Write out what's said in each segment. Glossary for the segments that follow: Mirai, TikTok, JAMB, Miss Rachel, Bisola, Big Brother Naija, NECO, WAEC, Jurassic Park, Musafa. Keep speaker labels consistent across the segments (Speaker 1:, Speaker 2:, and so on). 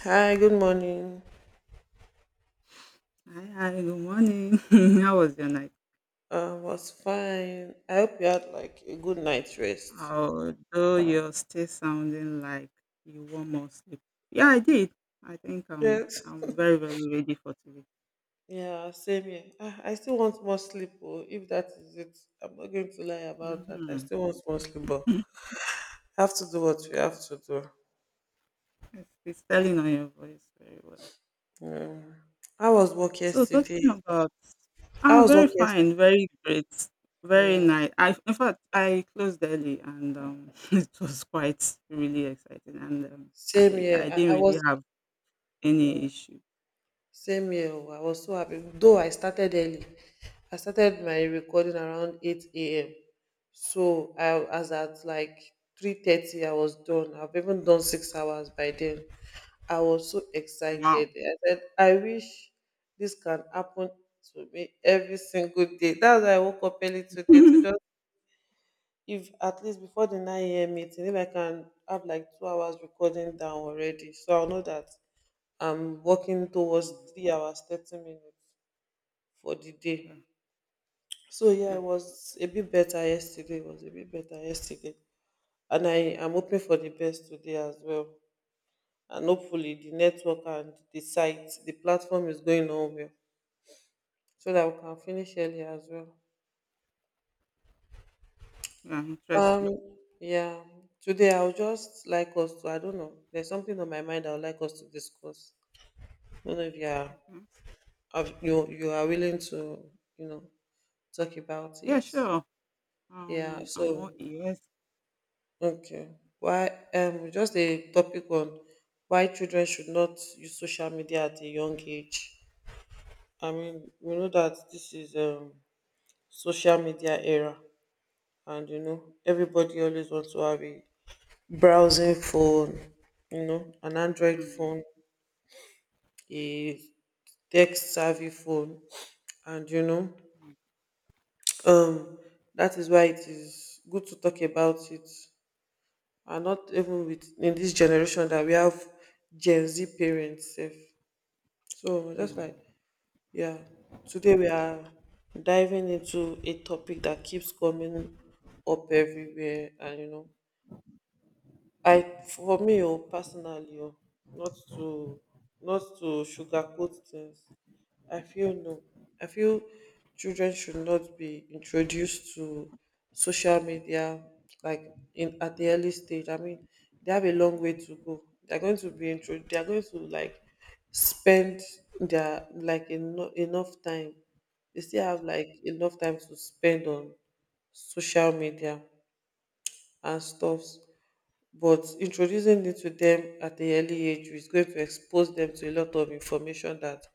Speaker 1: Hi, good morning.
Speaker 2: Hi, good morning. How was your night?
Speaker 1: Was fine. I hope you had like a good night's rest.
Speaker 2: Although you're still sounding like you want more sleep. Yeah, I did. I think
Speaker 1: Yes.
Speaker 2: I'm very, very ready for today.
Speaker 1: Yeah, same here. Ah, I still want more sleep, oh, if that is it. I'm not going to lie about that. I
Speaker 2: Mm-hmm.
Speaker 1: still want more sleep, but have to do what we have to do.
Speaker 2: It's telling on your voice very well.
Speaker 1: Um, I was work
Speaker 2: So talking
Speaker 1: yesterday.
Speaker 2: about,
Speaker 1: I
Speaker 2: ah,
Speaker 1: was work
Speaker 2: very
Speaker 1: yesterday.
Speaker 2: fine, very great, very
Speaker 1: Yeah,
Speaker 2: nice. I, in fact, I closed early and it was quite really exciting and um,
Speaker 1: same
Speaker 2: I,
Speaker 1: here.
Speaker 2: I
Speaker 1: I
Speaker 2: didn't really
Speaker 1: was.
Speaker 2: have
Speaker 1: mm,
Speaker 2: any issue.
Speaker 1: Same here. Oh, I was so happy. Though I started early, I started my recording around 8 a.m. So I as at like 3:30, I was done. I've even done 6 hours by then. I was so excited.
Speaker 2: Wow.
Speaker 1: I said, I wish this can happen to me every single day. That's why I woke up early today to just if at least before the 9 a.m. meeting, if I can have like 2 hours recording down already. So I'll know that I'm working towards
Speaker 2: Mm.
Speaker 1: 3 hours, 30 minutes for the day.
Speaker 2: Yeah,
Speaker 1: So yeah,
Speaker 2: yeah.
Speaker 1: it was a bit better yesterday. It was a bit better yesterday. And I am hoping for the best today as well. And hopefully the network and the site, the platform is going on well. So that we can finish early as well.
Speaker 2: Yeah, interesting.
Speaker 1: Um yeah. Today I would just like us to I don't know. There's something on my mind I would like us to discuss. I don't know if you are
Speaker 2: Mhm.
Speaker 1: if you are willing to, you know, talk about
Speaker 2: Yeah,
Speaker 1: it.
Speaker 2: sure.
Speaker 1: Yeah,
Speaker 2: I'm
Speaker 1: so
Speaker 2: all ears.
Speaker 1: okay. Why just a topic on why children should not use social media at a young age. I mean, we know that this is social media era, and you know everybody always wants to have a browsing phone, you know, an Android
Speaker 2: Mm.
Speaker 1: phone, a text savvy phone, and you know um that is why it is good to talk about it. Are not even with in this generation that we have Gen Z parents. If. So that's
Speaker 2: mm,
Speaker 1: like, yeah, today we are diving into a topic that keeps coming up everywhere, and you know, I for me oh, personally, oh, not to not to sugarcoat things. I feel no. I feel children should not be introduced to social media like in at the early stage. I mean, they have a long way to go. They're going to be intro. They are going to like spend their like enough time. They still have like enough time to spend on social media and stuffs. But introducing it to them at the early age is going to expose them to a lot of information that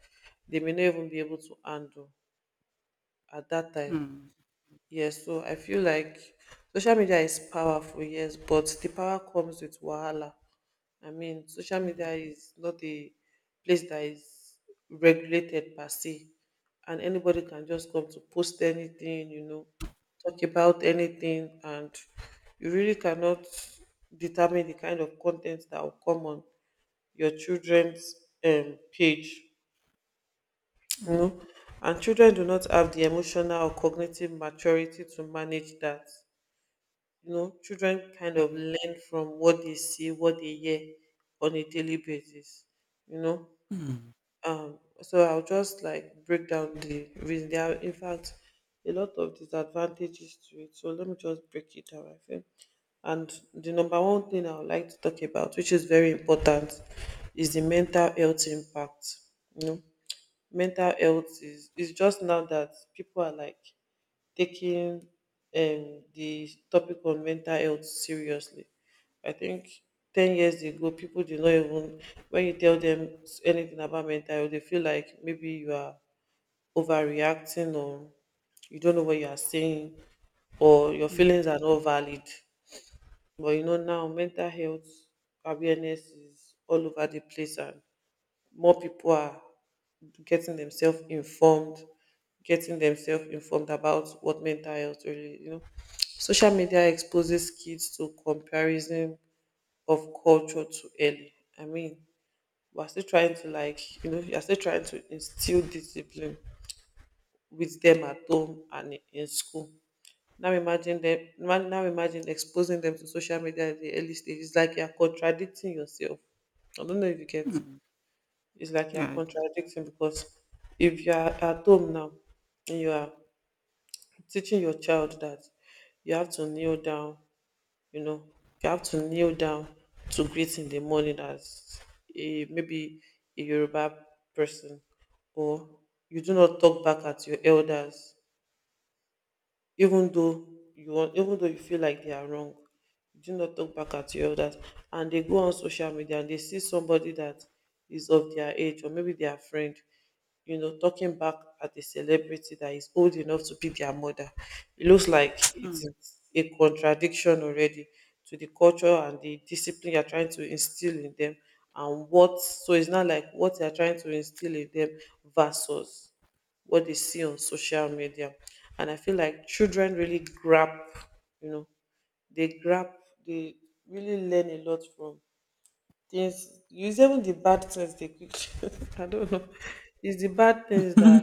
Speaker 1: they may not even be able to handle at that time.
Speaker 2: mm,
Speaker 1: Yes, so I feel like social media is powerful, yes, but the power comes with wahala. I mean, social
Speaker 2: mm,
Speaker 1: media is not a place that is regulated per se, and anybody can just come to post anything, you know, talk about anything, and you really cannot determine the kind of content that will come on your children's page, you
Speaker 2: mm.
Speaker 1: know, and children do not have the emotional or cognitive maturity to manage that. You know, children kind
Speaker 2: Yeah,
Speaker 1: of
Speaker 2: yeah.
Speaker 1: learn from what they see, what they hear on a daily basis, you know.
Speaker 2: Mm,
Speaker 1: So I'll just like break down the reason. There are in fact a lot of disadvantages to it, so let me just break it down. I think, and the number one thing I would like to talk about, which is very important, is the mental health impact. You know, mental health is it's just now that people are like taking the topic on mental health seriously. I think 10 years ago people did not even when you tell them anything about mental health, they feel like maybe you are overreacting or you don't know what you are saying or your
Speaker 2: mm,
Speaker 1: feelings are not valid. But you know now mental health awareness is all over the place and more people are getting themselves informed, getting themselves informed about what mental health really, you know. Social media exposes kids to comparison of culture too early. I mean, we're still trying to like, you know, you're still trying to instill discipline with them at home and in school. Now imagine exposing them to social media at the early stage. It's like you're contradicting yourself. I don't know if you get
Speaker 2: mm.
Speaker 1: it's like you're
Speaker 2: Yeah, I do.
Speaker 1: contradicting because if you're at home now and you are teaching your child that you have to kneel down, you know, you have to kneel down to greet in the morning as a maybe a Yoruba person, or you do not talk back at your elders even though you want even though you feel like they are wrong. You do not talk back at your elders and they go on social media and they see somebody that is of their age or maybe their friend, you know, talking back at a celebrity that is old enough to be their mother. It looks like it
Speaker 2: Mm.
Speaker 1: is a contradiction already to the culture and the discipline you're trying to instill in them. And what so it's not like what you're trying to instill in them versus what they see on social media. And I feel like children really grab, you know, they grab, they really learn a lot from things. Use even the bad things they quickly, I don't know. It's the bad things that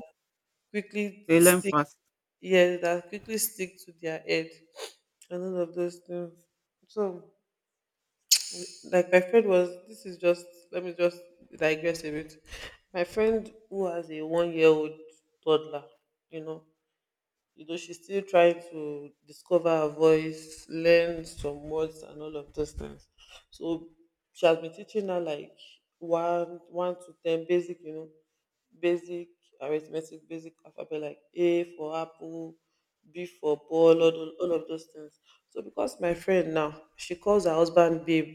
Speaker 1: quickly
Speaker 2: They learn
Speaker 1: stick,
Speaker 2: fast.
Speaker 1: yes, that quickly stick to their head and all of those things. So, like my friend was, this is just, let me just digress a bit. My friend who has a 1 year old toddler, you know, you know she's still trying to discover her voice, learn some words and all of those things. So she has been teaching her like 1 to 10 basic, you know, basic arithmetic, basic alphabet, like A for apple, B for ball,
Speaker 2: Mm,
Speaker 1: all of those things. So because my friend now, she calls her husband babe,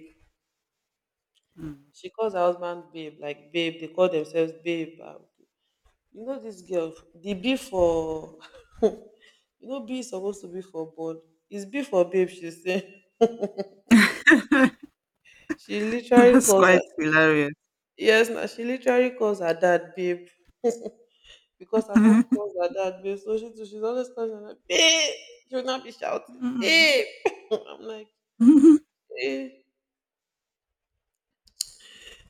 Speaker 2: mm.
Speaker 1: she calls her husband babe, like babe, they call themselves babe. You know this girl, the B for you know B is supposed to be for ball. It's B for babe, she said. She literally
Speaker 2: That's
Speaker 1: calls her
Speaker 2: quite hilarious.
Speaker 1: yes, now she literally calls her dad babe. Because her mom calls her dad babe. So she too, she's always calling her dad, babe. She will not be shouting,
Speaker 2: Mm.
Speaker 1: babe. I'm like, eh.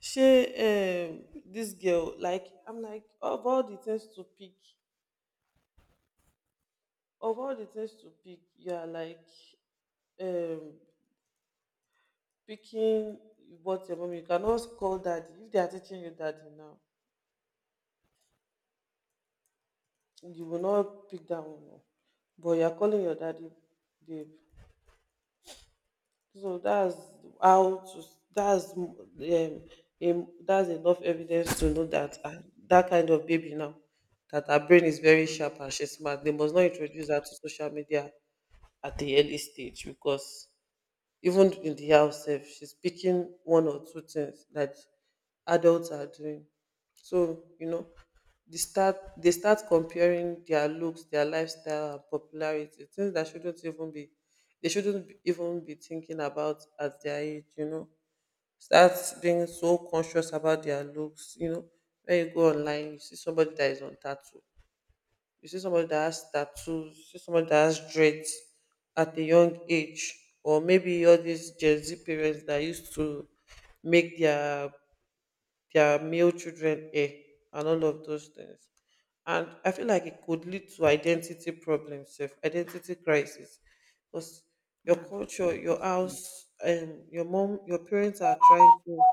Speaker 1: She, this girl, like I'm like, of all the things to pick, you are like um picking what your mom, you cannot call daddy. If they are teaching you daddy now, you will not pick that one up. But you are calling your daddy babe. So that's how to, that's that's enough evidence to know that ah, that kind of baby now, that her brain is very
Speaker 2: Mm.
Speaker 1: sharp and she's smart. They must not introduce her to social media at the early stage because even in the house, sef, she's picking one or two things that adults are doing. So, you know, they start comparing their looks, their lifestyle and popularity, things that shouldn't even be they shouldn't be- even be thinking about at their age, you know, start being so conscious about their looks. You know, when you go online you see somebody that is on tattoo, you see somebody that has tattoos, you see somebody that has dreads at a young age, or maybe all these Gen Z parents that used to make their male children hair and all of those things. And I feel like it could lead to identity problems, sef, identity crisis, because your
Speaker 2: Yeah,
Speaker 1: culture, your
Speaker 2: possibly.
Speaker 1: house, and your mom, your parents are trying to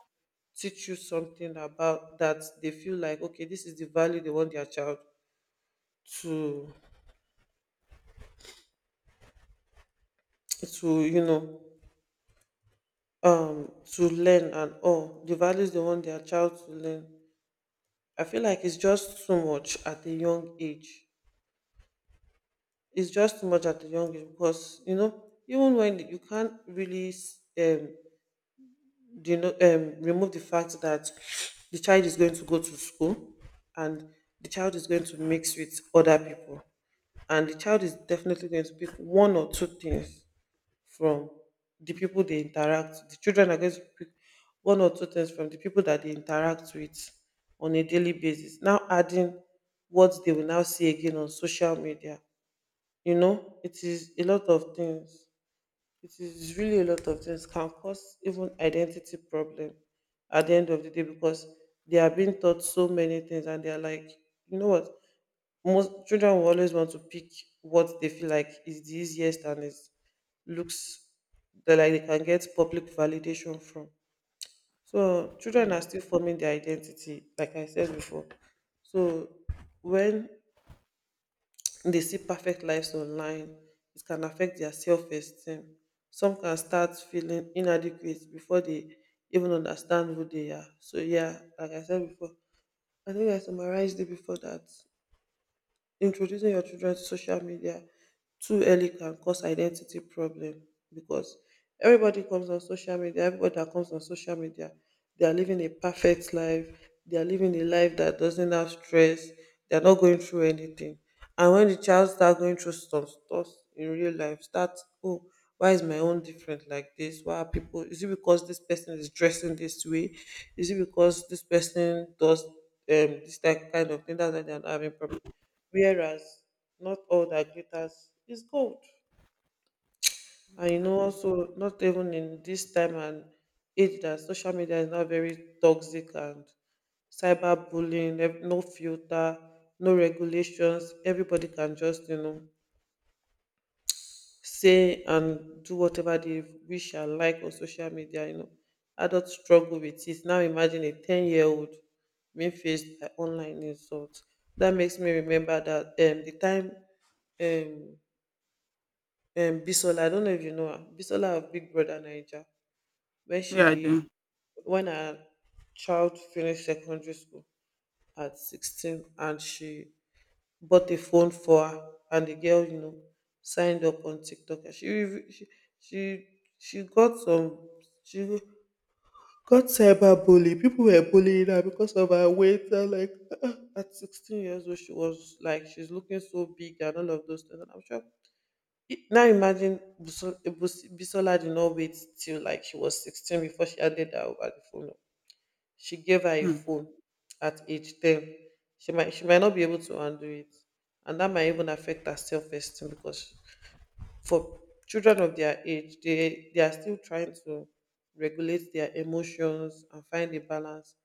Speaker 1: teach you something about that they feel like okay, this is the value they want their child to you know to learn and all the values they want their child to learn. I feel like it's just too much at a young age. It's just too much at a young age because you know even when you can't really remove the fact that the child is going to go to school and the child is going to mix with other people, and the child is definitely going to pick one or two things from the people they interact, the children are going to pick one or two things from the people that they interact with on a daily basis. Now adding what they will now see again on social media, you know it is a lot of things. It is really a lot of things, can cause even identity problem at the end of the day because they are being taught so many things and they are like, you know what, most children will always want to pick what they feel like is the easiest and is looks that like they can get public validation from. So children are
Speaker 2: Mm.
Speaker 1: still forming their identity, like I said before. So when dey see perfect lives online, it can affect their self-esteem. Some can start feeling inadequate before they even understand who they are. So yeah, like I said before, I think I summarized it before that introducing your children to social media too early can cause identity problem because everybody that comes on social media, they are living a perfect life, they are living a life that doesn't have stress, they are not going through anything. And when the child start going through some stuff in real life, start, oh, why is my own different like this? Why are people, is it because this person is dressing this way? Is it because this person does this type kind of thing? That's why they're not having problem, whereas not all that glitters is gold. And
Speaker 2: Yes,
Speaker 1: you
Speaker 2: I
Speaker 1: know,
Speaker 2: do.
Speaker 1: also not even in this time and age that social media is now very toxic and cyberbullying, no filter, no regulations. Everybody can just, you know, say and do whatever they wish and like on social media, you know. Adults struggle with it. Now imagine a 10-year-old being faced by online insult. That makes me remember that the time um Bisola, I don't know if you know her. Bisola of Big Brother Naija. When
Speaker 2: Yeah, I
Speaker 1: she
Speaker 2: do.
Speaker 1: when her child finished secondary school at 16, and she bought a phone for her, and the girl, you know, signed up on TikTok and she, she got some she got cyber bully. People were bullying her because of her weight and like at 16 years old, she was like she's looking so big and all of those things. And I'm sure now imagine Bisola did not wait till like she was 16 before she handed her over the phone. She gave her a
Speaker 2: Mm.
Speaker 1: phone at age 10. She might not be able to undo it. And that might even affect her self-esteem because for children of their age, they are still trying to regulate their emotions and find a balance.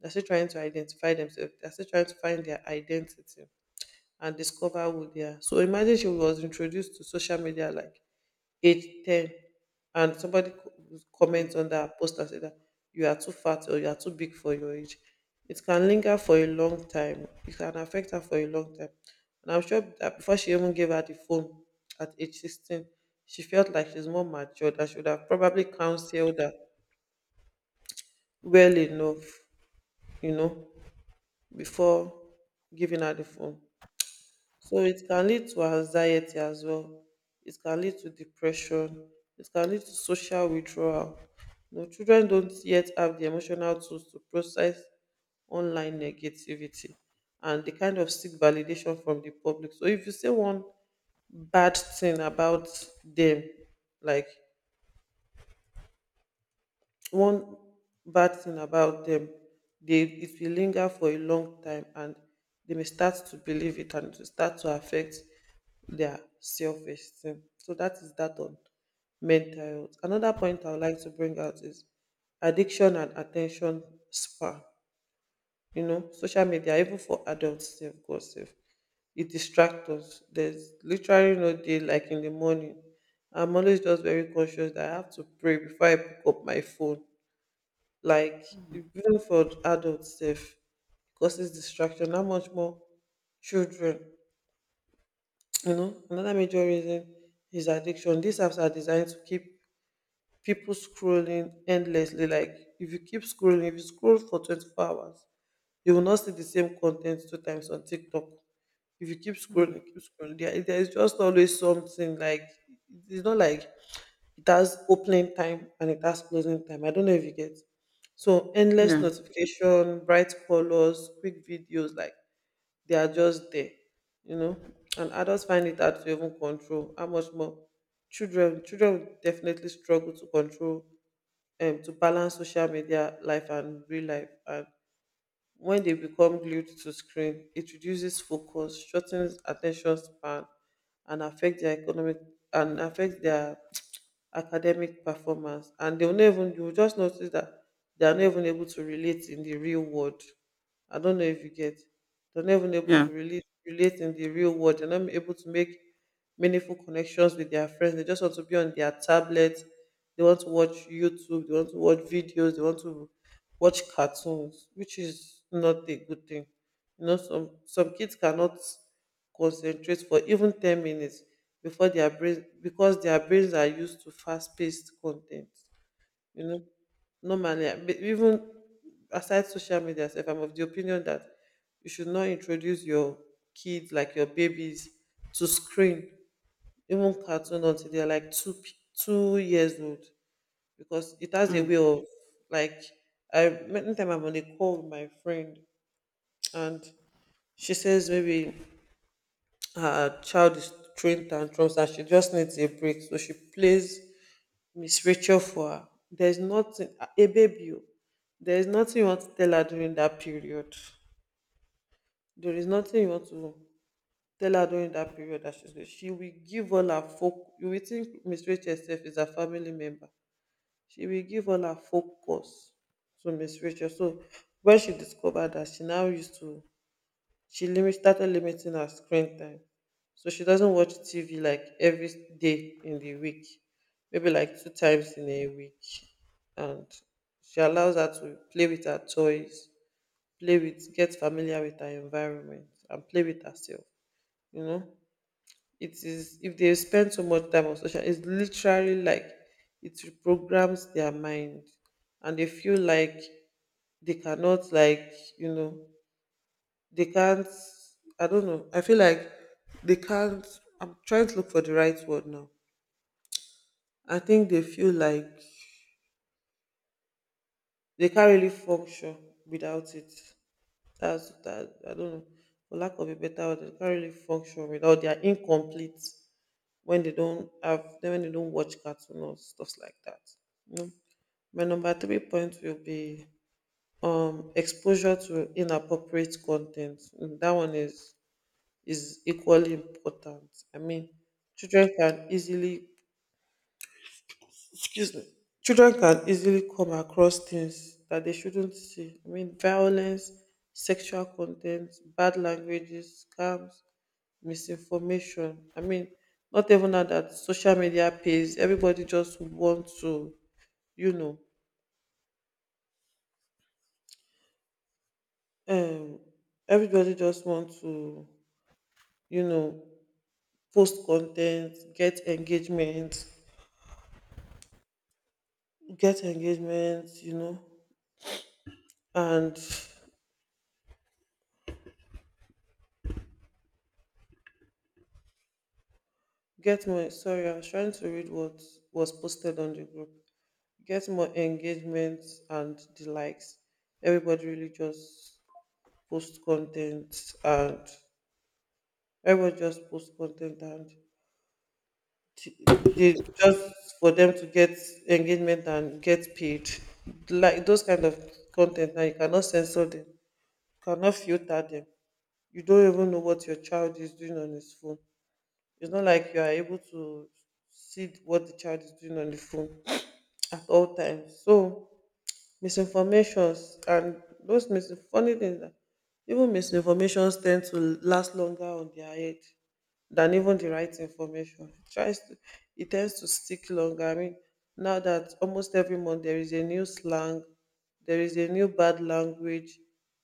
Speaker 1: They're still trying to identify themselves. They're still trying to find their identity and discover who they are. So imagine she was introduced to social media like 8, 10, and somebody
Speaker 2: mm,
Speaker 1: comments on that post and say that you are too fat or you are too big for your age. It can linger for a long time. It can affect her for a long time. And I'm sure that before she even gave her the phone at age 16, she felt like she's more mature. That should have probably counseled her well
Speaker 2: mm,
Speaker 1: enough, you know, before giving her the phone. So it can lead to anxiety as well. It can lead to depression. It can lead to social withdrawal. You know, children don't yet have the emotional tools to process online negativity and the kind of seek validation from the public. So if you say one bad thing about them, like one bad thing about them, they, it will linger for a long time and they may start to believe it and to start to affect their self-esteem. So that is that on mental health. Another point I would like to bring out is addiction and attention span. You know, social media, even for adults, safe, God safe, it distracts us. There's literally no day like in the morning. I'm always just very conscious that I have to pray before I pick up my phone. Like,
Speaker 2: mm,
Speaker 1: even for adults, safe, causes distraction. How much more children? You know, another major reason is addiction. These apps are designed to keep people scrolling endlessly. Like if you keep scrolling, if you scroll for 24 hours, you will not see the same content two times on TikTok. If you
Speaker 2: mm.
Speaker 1: keep scrolling, there is just always something. Like, it's not like it has opening time and it has closing time. I don't know if you get. So endless
Speaker 2: Yeah,
Speaker 1: notification, bright colors, quick videos, like they are just there, you know. And adults find it hard to even control. How much more children? Children will definitely struggle to control to balance social media life and real life. And when they become glued to screen, it reduces focus, shortens attention span, and
Speaker 2: mm,
Speaker 1: affect their academic performance. And they'll not even you will just notice that they are not even able to relate in the real world. I don't know if you get. They're not even able to
Speaker 2: yeah.
Speaker 1: relate in the real world. They're not able to make meaningful connections with their friends. They just want to be on their tablet. They want to watch YouTube. They want to watch videos. They want to watch cartoons, which is not a good thing. You know, some kids cannot concentrate for even ten minutes before their brain, because their brains are used to fast paced content. You know, normally but even aside social media sef, I'm of the opinion that you should not introduce your kids, like your babies, to screen, even cartoon, until they're like two years old, because it has a
Speaker 2: Mm.
Speaker 1: way of, like, I many time I'm on a call with my friend and she says maybe her child is throwing tantrums and she just needs a break. So she plays Miss Rachel for her. There's nothing a baby. Oh, There is nothing you want to tell her during that period. There is nothing you want to tell her during that period that she will give all her folk you will think Miss Rachel herself is a family member. She will give all her focus to Miss Rachel. So when she discovered that, she now used to she limit started limiting her screen time. So she doesn't watch TV like every day in the week, maybe like two times in a week, and she allows her to play with her toys, play with, get familiar with her environment, and play with herself. You know, it is, if they spend so much time on social, it's literally like it reprograms their mind and they feel like they cannot, like, you know, they can't, I don't know, I feel like they can't, I'm trying to look for the right word now. I think they feel like they can't really function without it. That's that, I don't know. For lack of a better word, they can't really function without, they are incomplete when they don't have then when they don't watch cartoon or stuff like that. You know. My number three point will be exposure to inappropriate content. Mm. That one is equally important. I mean, children can easily, excuse me. Children can easily come across things that they shouldn't see. I mean, violence, sexual content, bad languages, scams, misinformation. I mean, not even now that social media pays, everybody just want to, you know, um, everybody just want to, you know, post content, get engagement, you know, and get more. Sorry, I was trying to read what was posted on the group. Get more engagement and the likes. Everybody really just post content and everybody just post content and they just for them to get engagement and get paid, like those kind of content now you cannot censor them, you cannot filter them. You don't even know what your child is doing on his phone. It's not like you are able to see what the child is doing on the phone at all times. So misinformations and those funny things that, even misinformations tend to last longer on their head than even the right information. It tries to, it tends to stick longer. I mean, now that almost every month there is a new slang, there is a new bad language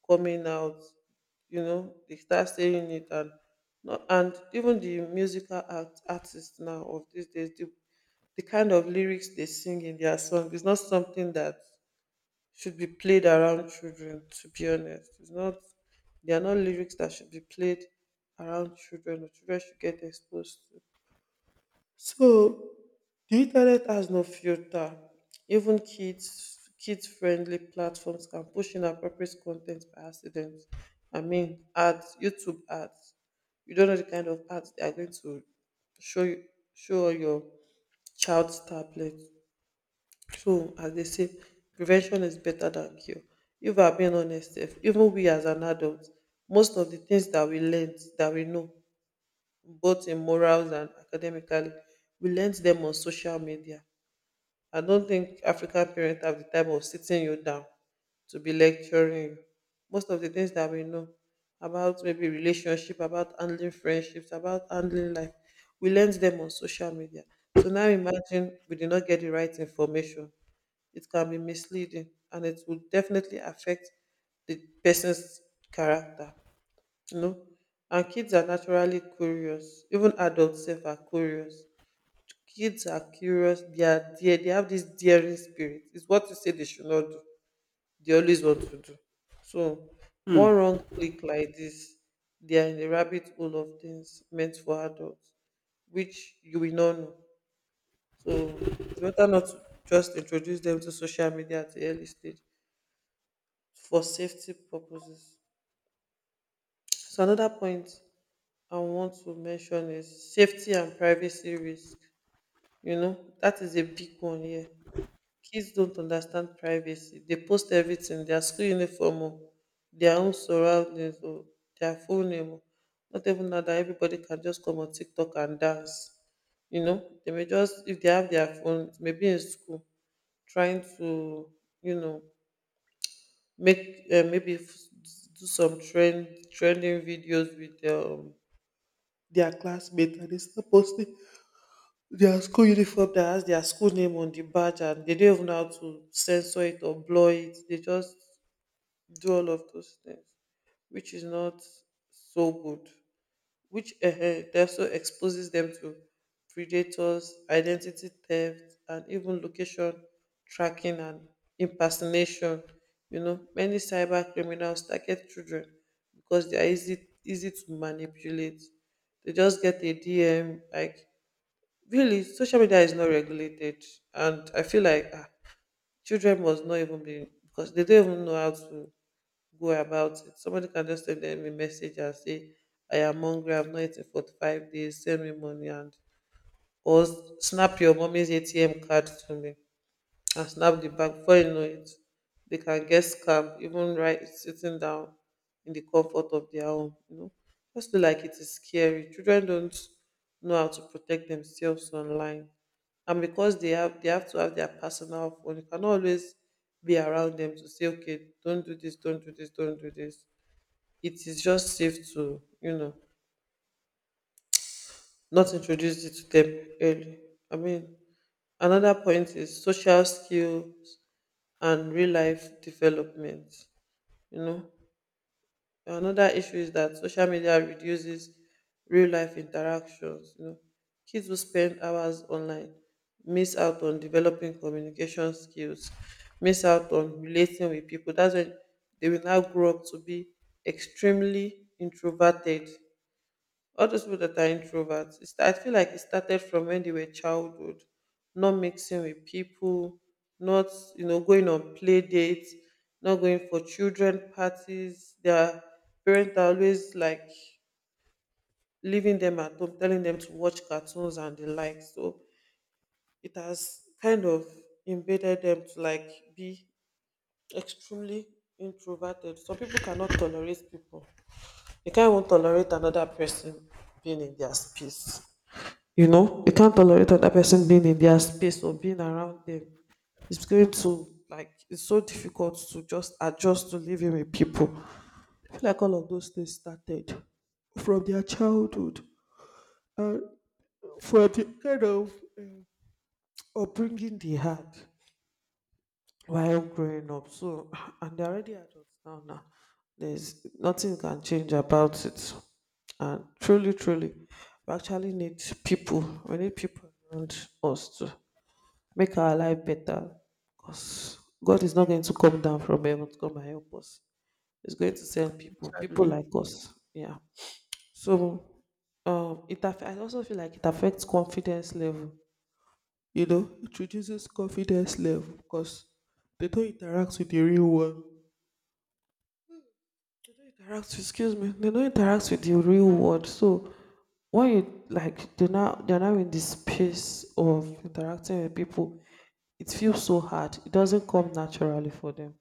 Speaker 1: coming out. You know, they start saying it, and and even the musical artists now of these days, the kind of lyrics they sing in their song is not something that should be played around children, to be honest. It's not, they are not lyrics that should be played around children or children should get exposed to. So the internet has no filter. Even kids friendly platforms can push inappropriate content by accident. I mean ads, YouTube ads, you don't know the kind of ads they are going to show you show on your child's tablet. True, as they say, prevention is better than cure. If we are being honest, if even we as an adult, most of the things that we learned, that we know, both in morals and academically, we learned them on social media. I don't think African parents have the time of sitting you down to be lecturing you. Most of the things that we know about maybe relationship, about handling friendships, about handling life, we learned them on social media. So now imagine we did not get the right information, it can be misleading and it will definitely affect the person's character, you know and kids are naturally curious, even adults sef are curious. Kids are curious, they are dear. They have this daring spirit. It's what you say they should not do, they always want to do. So one
Speaker 2: mm.
Speaker 1: wrong click like this, they are in the rabbit hole of things meant for adults, which you will not know. So it's better not to just introduce them to social media at the early stage for safety purposes. So another point I want to mention is safety and privacy risk. You know, that is a big one here. Kids don't understand privacy. They post everything, their school uniform, oh, their own surroundings, oh, their full name, oh. Not even now that everybody can just come on TikTok and dance. You know, they may just, if they have their phones, maybe in school, trying to, you know, make do some trend trending videos with their classmates, and they start posting their school uniform that has their school name on the badge, and they don't even know how to censor it or blur it. They just do all of those things, which is not so good, which also exposes them to predators, identity theft, and even location tracking and impersonation. You know, many cyber criminals target children because they are easy to manipulate. They just get a DM. Like really, social media is not regulated, and I feel like ah, children must not even be, because they don't even know how to go about it. Somebody can just send them a message and say, I am hungry, I've not eaten for 5 days, send me money, and or s- snap your mommy's ATM card to me and snap the bank. Before you know it, they can get scammed even right sitting down in the comfort of their home, you know. Just feel like it is scary. Children don't know how to protect themselves online. And because they have, they have to have their personal phone, you cannot always be around them to say, okay, don't do this, don't do this, don't do this. It is just safe to, you know, not introduce it to them early. I mean, another point is social skills and real life development. You know, another issue is that social media reduces real life interactions. You know, kids who spend hours online miss out on developing communication skills, miss out on relating with people. That's when they will now grow up to be extremely introverted. All those people that are introverts, it's, I feel like it started from when they were childhood, not mixing with people, not, you know, going on play dates, not going for children parties. Their parents are always like leaving them at home, telling them to watch cartoons and the like. So it has kind of embedded them to like be extremely introverted. Some people cannot tolerate people, they can't even tolerate another person being in their space. You know, you can't tolerate other person being in their space or being around them. It's going to like, it's so difficult to just adjust to living with people. I feel like all of those things started from their childhood and from the kind of um, upbringing they had while growing up. So, and they're already adults now. Now there's nothing can change about it. And truly, truly, we actually need people. We need people around us to make our life better, because God is not going to come down from heaven to come and help us. He's going to send people, people
Speaker 2: Exactly.
Speaker 1: like us. Yeah. So I also feel like it affects confidence level. You know, it reduces confidence level because they don't interact with the real world. They don't interact, with, Excuse me, they don't interact with the real world. So when you like, they're not they're now in this space of interacting with people. It feels so hard. It doesn't come naturally for them.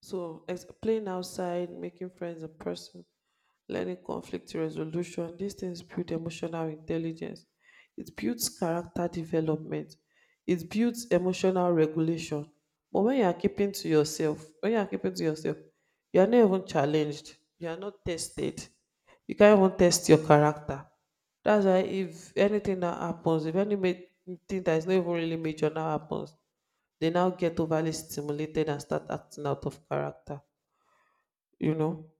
Speaker 1: So, playing outside, making friends in person, learning conflict resolution, these things build emotional intelligence. It builds character development. It builds emotional regulation. But when you are keeping to yourself, when you are keeping to yourself, you are not even challenged. You are not tested. You can't even test your character. That's why if anything that happens, if anything that is not even really major now happens, they now get overly stimulated and start acting out of character. You know,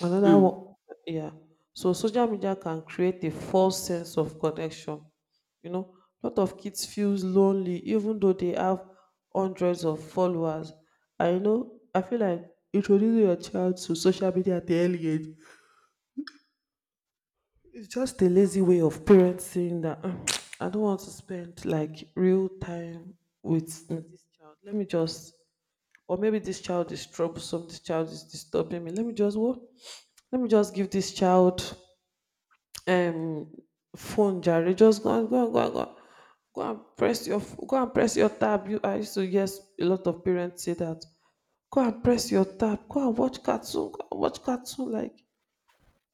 Speaker 1: another
Speaker 2: Mm,
Speaker 1: one. Yeah, so social media can create a false sense of connection. You know, a lot of kids feels lonely even though they have hundreds of followers. I know, I feel like introducing your child to social media at the early age, it's just a lazy way of parents saying that, "Mm, I don't want to spend like real time with this child. Let me just, or maybe this child is troublesome, this child is disturbing me, let me just what, let me just give this child um phone Jerry. Just go and go and go and go and go and press your tab." You, I used to, yes. A lot of parents say that, go and press your tab, go and watch cartoon, go and watch cartoon, like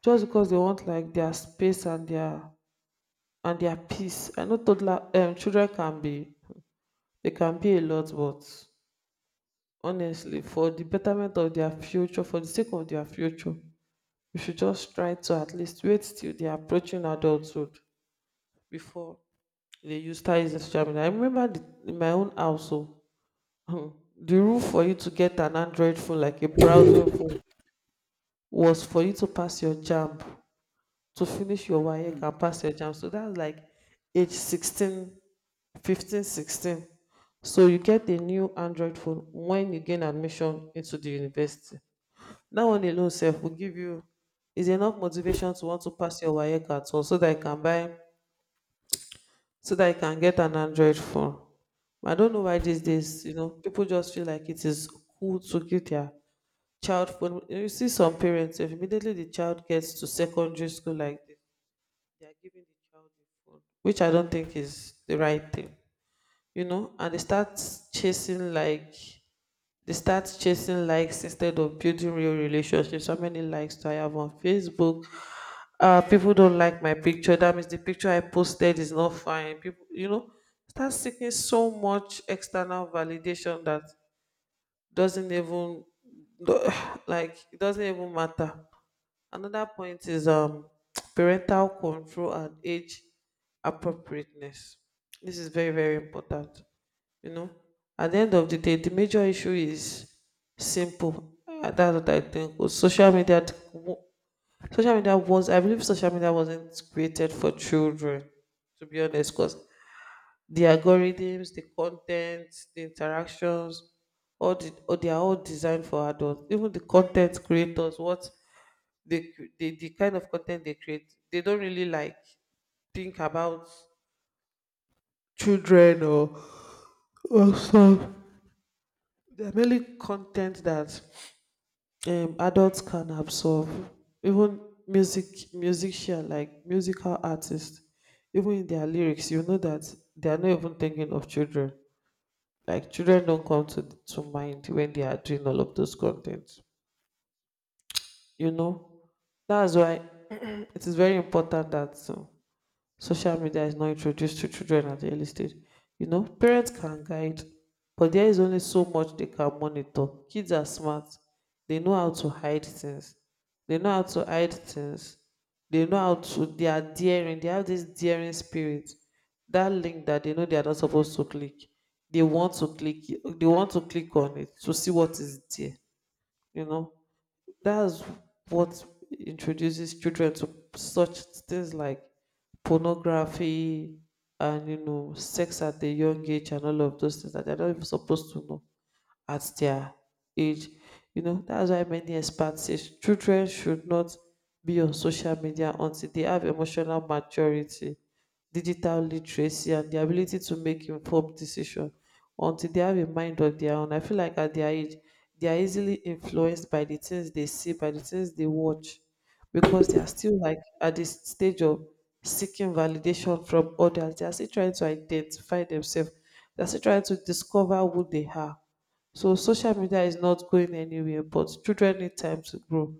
Speaker 1: just because they want like their space and their peace. I know toddler children can be, they can be a lot, but honestly, for the betterment of their future, for the sake of their future, we should just try to at least wait till they're approaching adulthood before they use start using social media. I remember in my own household, the rule for you to get an Android phone, like a browsing phone, was for you to pass your JAMB, to finish your WAEC
Speaker 2: mm,
Speaker 1: and pass your JAMB. So that's like age 16, 15, 16. So you get a new Android phone when you gain admission into the university. That one alone sef go give you, is enough motivation to want to pass your waec at all so that you can buy, so that you can get an android phone. I don't know why these days, you know, people just feel like it is cool to give their child phone. You see some parents, if immediately the child gets to secondary school like this, they are giving the child a phone, which I don't think is the right thing. You know, and they start chasing like, they start chasing likes instead of building real relationships. How many likes do I have on Facebook? Uh, people don't like my picture, that means the picture I posted is not fine. People, you know, start seeking so much external validation that doesn't even do- like it doesn't even matter. Another point is parental control and age appropriateness. This is very very important. You know, at the end of the day, the major issue is simple. That's what I think with social media. I believe social media wasn't created for children, to be honest, because the algorithms, the content, the interactions, they are all designed for adults. Even the content creators, what they, cre- they, the kind of content they create, they don't really like think about children or some. They're mainly content that adults can absorb. Even music musician like musical artists, even in their lyrics, you know that they are not even thinking of children. Like children don't come to mind when they are doing all of those contents. You know, that's why it is very important that social media is not introduced to children at the early stage. You know, parents can guide, but there is only so much they can monitor. Kids are smart, they know how to hide things, they know how to hide things, they know how to they are daring, they have this daring spirit. That link that they know they are not supposed to click, they want to they want to click on it to see what is there. You know,
Speaker 2: mm.
Speaker 1: that's what introduces children to such things like pornography, and, you know, sex at a young age, and all of those things that they're not even supposed to know at their age. You know, that's why many experts say children should not be on social media until they have emotional maturity, digital literacy, and the ability to make informed decisions. Until they have a mind of their own. I feel like at their age, they are easily influenced by the things they see, by the things they watch, because they are still like at this stage of seeking validation from others. They are still trying to identify themselves. They are still trying to discover who they are, so social media is not going anywhere, but children need time to grow,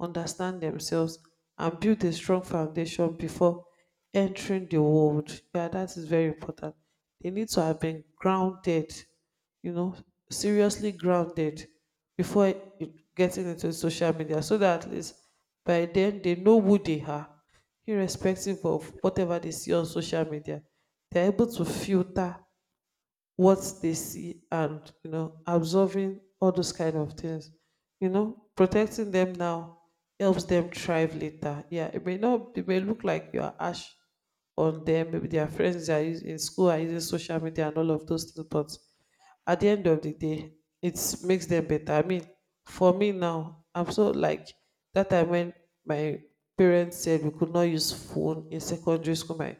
Speaker 1: understand themselves, and build a strong foundation before entering the world. Yeah, that is very important. They need to have been grounded, you know, seriously grounded getting into social media, so that at least by then they know who they are, irrespective of whatever they see on social media. They're able to filter what they see and absorbing all those kind of things. Protecting them now helps them thrive later. Yeah, it may not, it may look like you are ash on them, maybe their friends are using in school, are using social media and all of those things, but at the end of the day it makes them better. For me now, I'm so like that time when my parents said we could not use phone in secondary school. My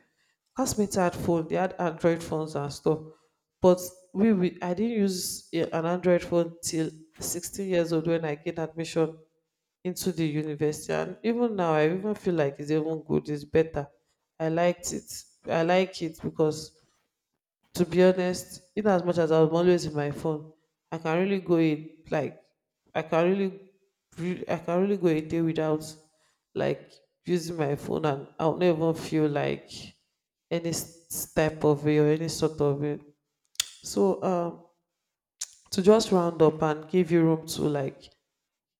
Speaker 1: classmates had phone, they had Android phones and stuff, but we I didn't use an Android phone till 16 years old, when I gained admission into the university. And even now I even feel like it's even good, it's better. I like it because, to be honest, in as much as I'm always in my phone, I can really go in like I can I can really go a day without like using my phone, and I'll never feel like any sort of way. So um, to just round up and give you room to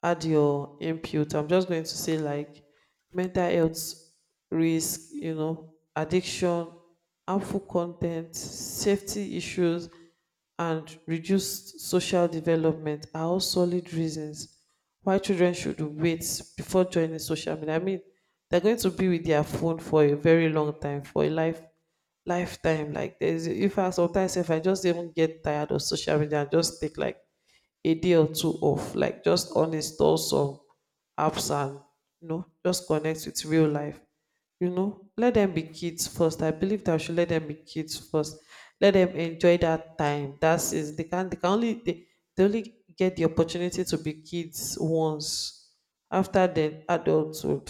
Speaker 1: add your input, I'm just going to say like mental health risk, addiction, harmful content, safety issues, and reduced social development are all solid reasons why children should wait before joining social media. I mean, they're going to be with their phone for a very long time, for a lifetime. Like there's if I sometimes, if I just even get tired of social media and just take like a day or two off, like just uninstall some apps and just connect with real life. You know, let them be kids first. I believe that I should let them be kids first. Let them enjoy that time. That's is They can, they only get the opportunity to be kids once. After then, adulthood,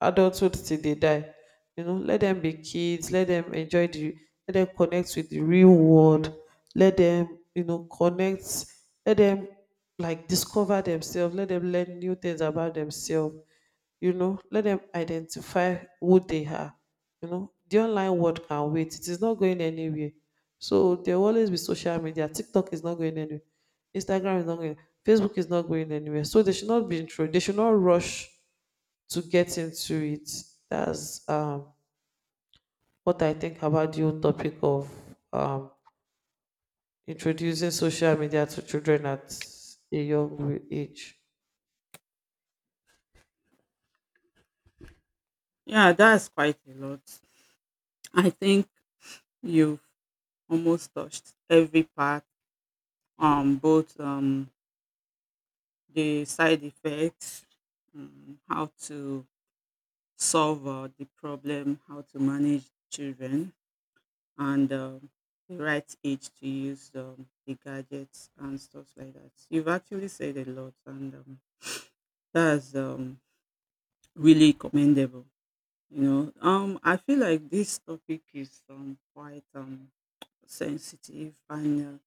Speaker 1: adulthood till they die. You know, let them be kids. Let them enjoy the. Let them connect with the real world, let them connect, let them discover themselves, let them learn new things about themselves, let them identify who they are. The online world can wait, it is not going anywhere. So there will always be social media. TikTok is not going anywhere, Instagram is not going, Facebook is not going anywhere, so they should not rush to get into it. That's what I think about the whole topic of um introducing social media to children at a young age.
Speaker 2: Yeah, that's quite a lot. I think you've almost touched every part. Both the side effects, how to solve the problem, how to manage children, and the right age to use the gadgets and stuff like that. You've actually said a lot, and that's really commendable. You know, I feel like this topic is quite sensitive and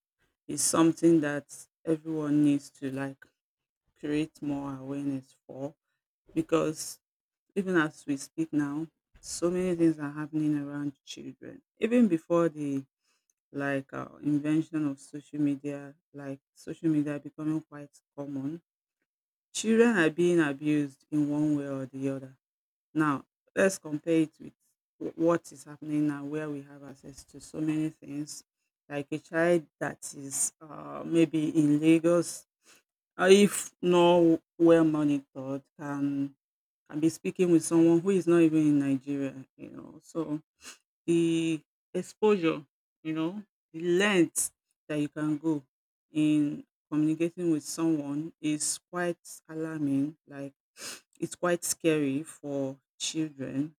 Speaker 2: is something that everyone needs to like create more awareness for, because even as we speak now, so many things are happening around children even before the, like, invention of social media, like social media becoming quite common. Children are being abused in one way or the other. Now let's compare it with what is happening now, where we have access to so many things. Like a child that is maybe in Lagos, if not well monitored, can be speaking with someone who is not even in Nigeria, you know. So the exposure, you know, the length that you can go in communicating with someone is quite alarming. Like, it's quite scary for children,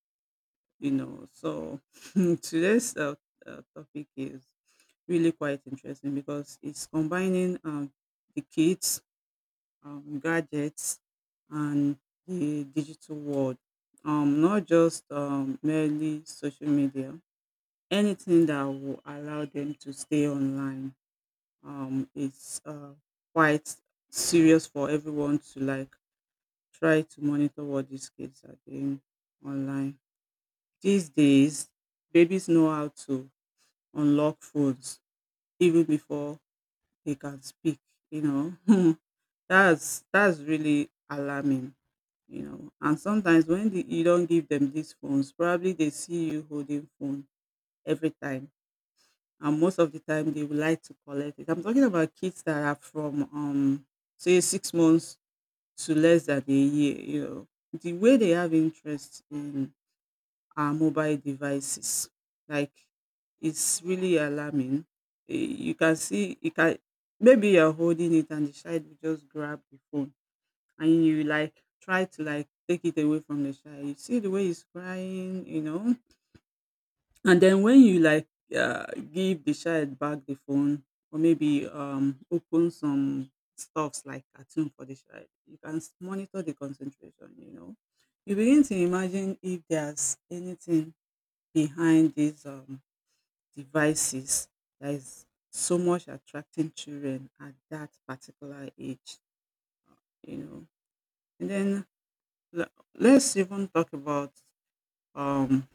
Speaker 2: you know. So today's topic is really quite interesting because it's combining the kids, gadgets, and the digital world. Not just merely social media. Anything that will allow them to stay online is quite serious for everyone to like try to monitor what these kids are doing online. These days, babies know how to unlock phones even before they can speak. You know, that's really alarming. You know, and sometimes when you don't give them these phones, probably they see you holding phone every time, and most of the time they would like to collect it. I'm talking about kids that are from say six months to less than a year. You know, the way they have interest in our mobile devices, like, it's really alarming. Eh, you can see, you can maybe you're holding it and the child will just grab the phone and you like try to like take it away from the child. You see the way he's crying, you know. And then when you like uh, give the child back the phone, or maybe open some stuffs like cartoon for the child, you can monitor the concentration, you know. You begin to imagine if there's anything behind these devices that is so much attracting children at that particular age, you know. And then let's even talk about um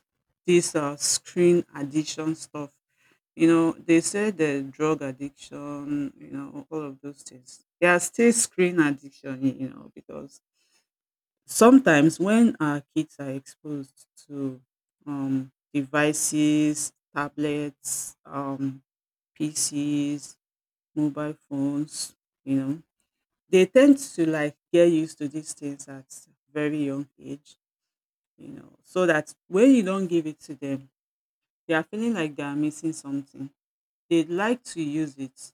Speaker 2: this screen addiction stuff. You know, they say the drug addiction, you know, all of those things, they are still screen addiction, you know, because sometimes when our kids are exposed to devices, tablets, PCs, mobile phones, you know, they tend to like get used to these things at very young age, you know, so that when you don't give it to them, they are feeling like they are missing something. They'd like to use it.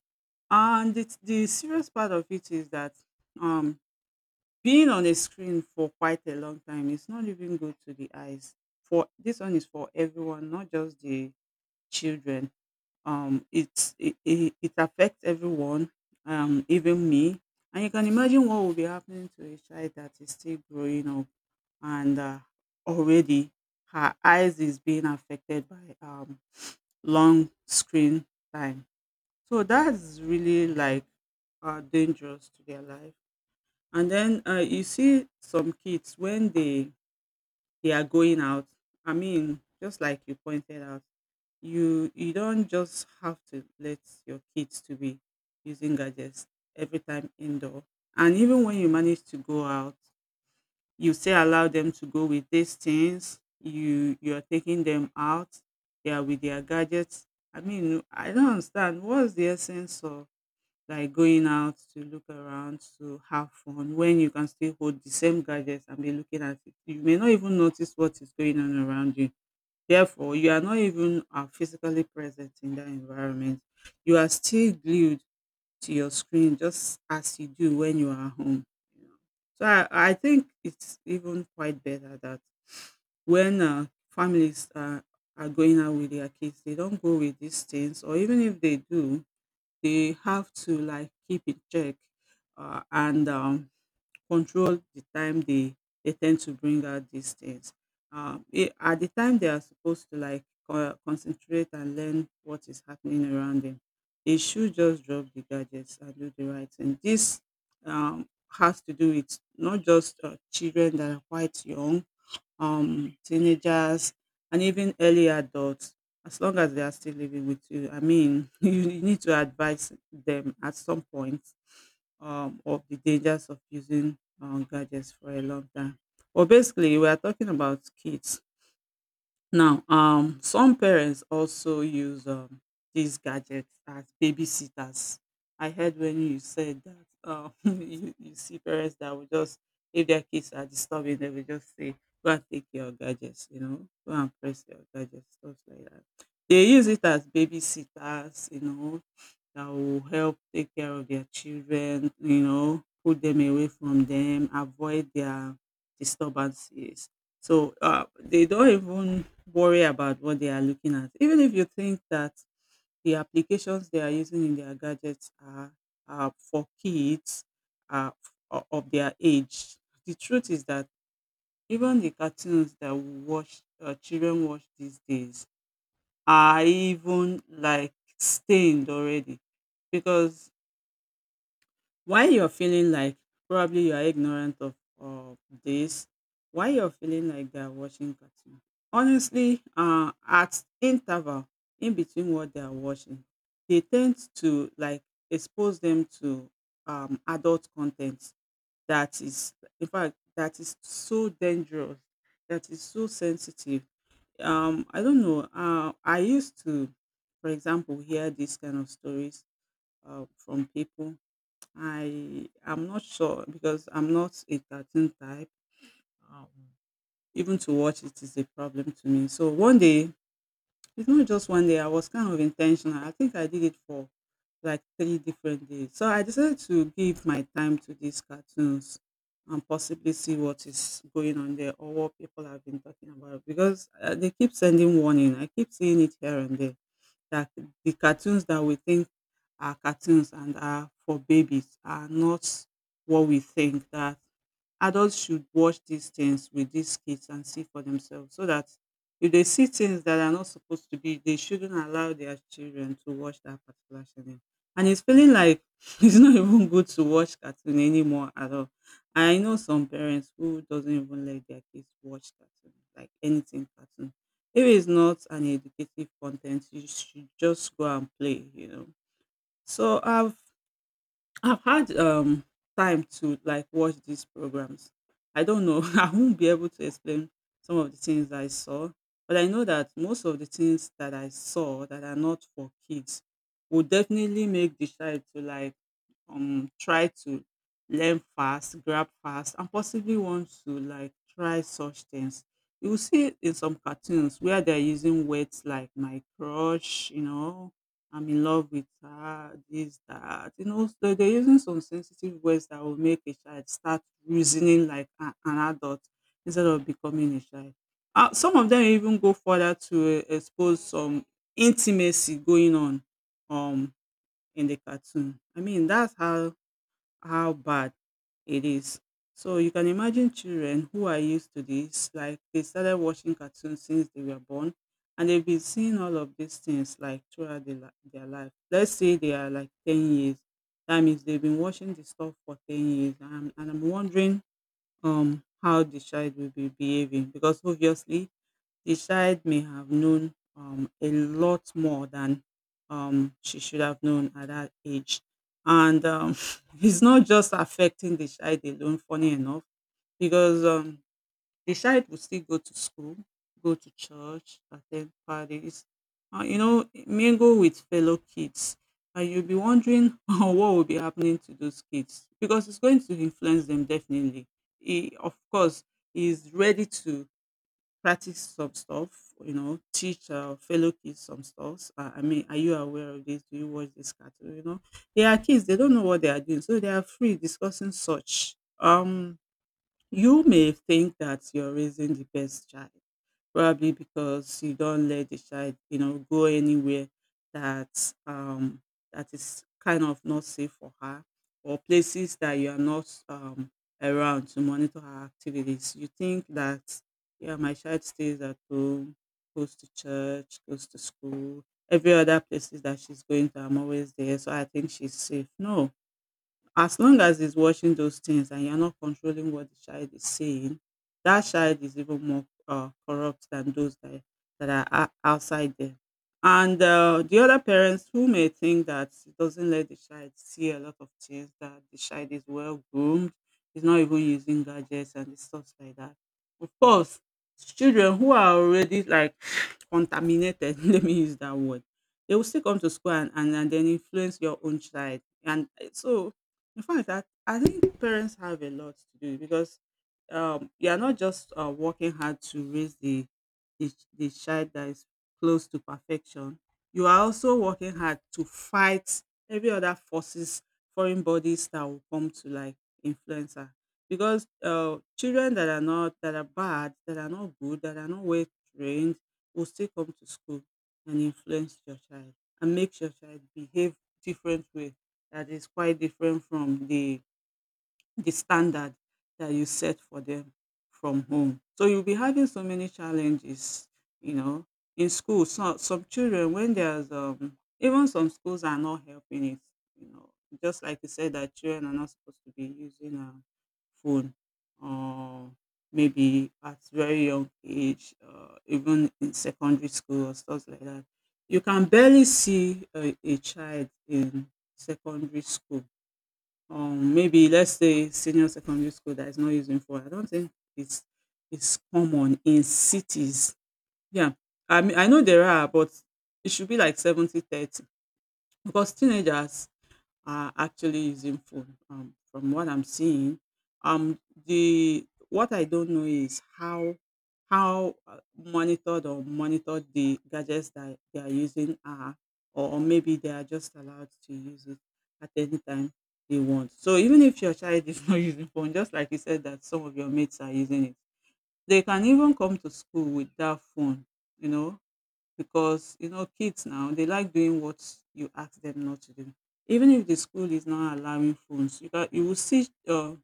Speaker 2: And the serious part of it is that um, being on a screen for quite a long time is not even good to the eyes. For this one is for everyone, not just the children. It affects everyone, even me. And you can imagine what will be happening to a child that is still growing up and already her eyes is being affected by long screen time. So that's really like dangerous to their life. And then you see some kids when they are going out. I mean, just like you pointed out, you don't just have to let your kids to be using gadgets every time indoor. And even when you manage to go out, you still allow them to go with these things. You are taking them out, they are with their gadgets. I mean, I don't understand what's the essence of like going out to look around to have fun when you can still hold the same gadgets and be looking at it. You may not even notice what is going on around you, therefore you are not even physically present in that environment. You are still glued to your screen just as you do when you are home. You know. So I think it's even quite better that when families are going out with their kids, they don't go with these things, or even if they do, they have to like keep in check, and control the time they tend to bring out these things. At the time they are supposed to like concentrate and learn what is happening around them, they should just drop the gadgets and do the right thing. This has to do with not just children that are quite young, teenagers, and even early adults, as long as they are still living with you. I mean, need to advise them at some point of the dangers of using gadgets for a long time. Well, basically, we are talking about kids now. Um, some parents also use these gadgets as babysitters. I heard when you said that you see parents that will just, if their kids are disturbing, they will just say, go and take your gadgets, you know, go and press your gadgets, stuff like that. They use it as babysitters, you know, that will help take care of their children, you know, put them away from them, avoid their disturbances. So they don't even worry about what they are looking at. Even if you think that the applications they are using in their gadgets are for kids uh, of their age, the truth is that even the cartoons that we watch, children watch these days, are even like stained already. Because why you're feeling like probably you are ignorant of this, why you're feeling like they're watching cartoon. Honestly, at interval in between what they are watching, they tend to like expose them to adult content that is, in fact, that is so dangerous, that is so sensitive. I don't know. I used to, for example, hear these kind of stories from people. I am not sure because I'm not a cartoon type. Um, even to watch it is a problem to me. So one day, it's not just one day. I was kind of intentional. I think I did it for like 3 different days. So I decided to give my time to these cartoons and possibly see what is going on there or what people have been talking about, because they keep sending warning. I keep seeing it here and there that the cartoons that we think our cartoons and are for babies are not what we think. That adults should watch these things with these kids and see for themselves, so that if they see things that are not supposed to be, they shouldn't allow their children to watch that particular channel. And it's feeling like it's not even good to watch cartoon anymore at all. I know some parents who doesn't even let their kids watch cartoon, like anything cartoon. If it's not an educative content, you should just go and play, you know. So I've had time to like watch these programs. I don't know. I won't be able to explain some of the things I saw, but I know that most of the things that I saw that are not for kids will definitely make the child to like try to learn fast, grab fast and possibly want to like try such things. You will see in some cartoons where they're using words like my crush, you know, I'm in love with her, this, that. You know, so they're using some sensitive words that will make a child start reasoning like an adult instead of becoming a child. Some of them even go further to expose some intimacy going on um in the cartoon. I mean, that's how bad it is. So you can imagine children who are used to this, like they started watching cartoons since they were born, and they've been seeing all of these things like throughout their life. Let's say they are like 10 years. That means they've been watching this stuff for 10 years. And I'm wondering how the child will be behaving because obviously the child may have known a lot more than she should have known at that age. And it's not just affecting the child alone, funny enough, because the child will still go to school, go to church, attend parties, mingle with fellow kids. And you'll be wondering what will be happening to those kids because it's going to influence them definitely. He, of course, is ready to practice some stuff, you know, teach fellow kids some stuff. I mean, are you aware of this? Do you watch this cartoon? You know, they are kids; they don't know what they are doing, so they are free discussing such. You may think that you're raising the best child, probably because you don't let the child, you know, go anywhere that that is kind of not safe for her, or places that you are not around to monitor her activities. You think that yeah, my child stays at home, goes to church, goes to school, every other places that she's going to, I'm always there, so I think she's safe. No, as long as he's watching those things and you're not controlling what the child is saying, that child is even more corrupt than that are outside there. And the other parents who may think that he doesn't let the child see a lot of things, that the child is well groomed, is not even using gadgets and stuff like that. Of course, children who are already like contaminated, let me use that word, they will still come to school and then influence your own child. And so in fact, I think parents have a lot to do because you are not just working hard to raise the child that is close to perfection. You are also working hard to fight every other forces, foreign bodies that will come to like influence her. Because children that are not that are bad, that are not good, that are not well trained, will still come to school and influence your child and make your child behave different way that is quite different from the standard that you set for them from home. So you'll be having so many challenges, you know, in school. So some children when there's even some schools are not helping it, you know, just like you said that children are not supposed to be using a phone or maybe at very young age, even in secondary school or stuff like that. You can barely see a child in secondary school. Maybe let's say senior secondary school that is not using phone. I don't think it's it's common in cities. Yeah. I mean I know there are, but it should be like 70/30 because teenagers are actually using phone from what I'm seeing. Um, the what I don't know is how monitored or monitored the gadgets that they are using are, or maybe they are just allowed to use it at any time they want. So even if your child is not using phone, just like you said that some of your mates are using it, they can even come to school with that phone, you know, because you know kids now they like doing what you ask them not to do. Even if the school is not allowing phones, you can, you will see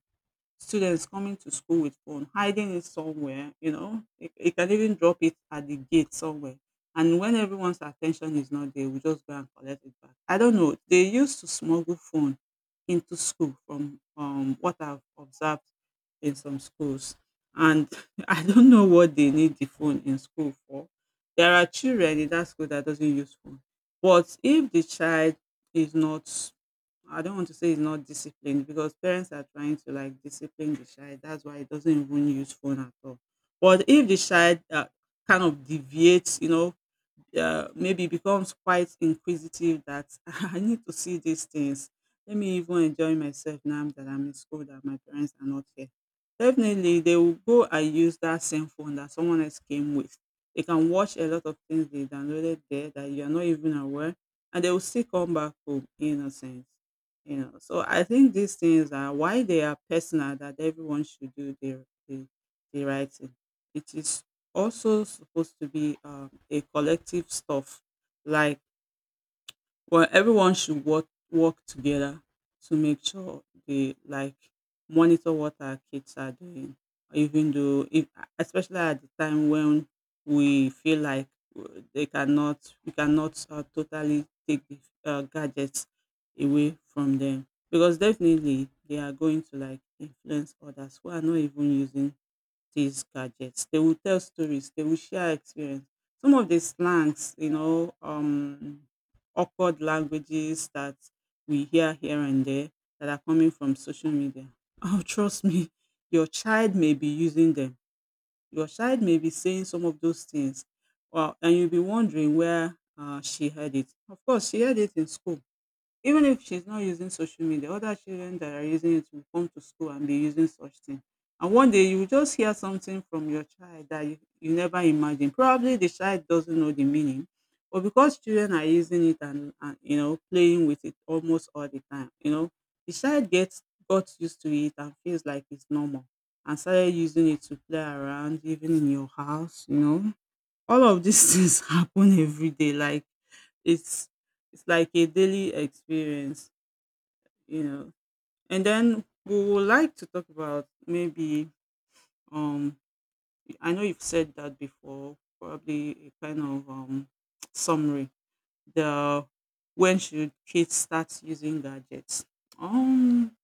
Speaker 2: students coming to school with phone, hiding it somewhere, you know, it you can even drop it at the gate somewhere. And when everyone's attention is not there, we just go and collect it back. I don't know. They used to smuggle phone into school from what I've observed in some schools. And I don't know what they need the phone in school for. There are children in that school that doesn't use phone. But if the child is not, I don't want to say it's not disciplined because parents are trying to like discipline the child. That's why it doesn't even use phone at all. But if the child kind of deviates, you know, yeah, maybe becomes quite inquisitive that I need to see these things. Let me even enjoy myself now that I'm in school, that my parents are not here. Definitely, they will go and use that same phone that someone else came with. They can watch a lot of things they downloaded there that you're not even aware, and they will still come back home innocent. You know, so I think these things are why they are personal, that everyone should do the right thing. It is also supposed to be a collective stuff, like well everyone should work together to make sure they like monitor what our kids are doing. Even though if, especially at the time when we feel like uh, they cannot we cannot totally take the gadgets away from them, because definitely they are going to like influence others who are not even using these gadgets. They will tell stories, they will share experience. Some of the slangs, you know, awkward languages that we hear here and there that are coming from social media. Oh, trust me, your child may be using them. Your child may be saying some of those things. Well, and you'll be wondering where she heard it. Of course, she heard it in school, even if she's not using social media, other children that are using it will come to school and be using such thing. And one day you will just hear something from your child that you never imagined. Probably the child doesn't know the meaning, but because children are using it and you know playing with it almost all the time, you know, the child gets got used to it and feels like it's normal and started using it to play around, even in your house, you know. All of these things happen every day. Like it's it's like a daily experience, you know. And then we would like to talk about maybe um I know you've said that before, probably a kind of summary. The When should kids start using gadgets? um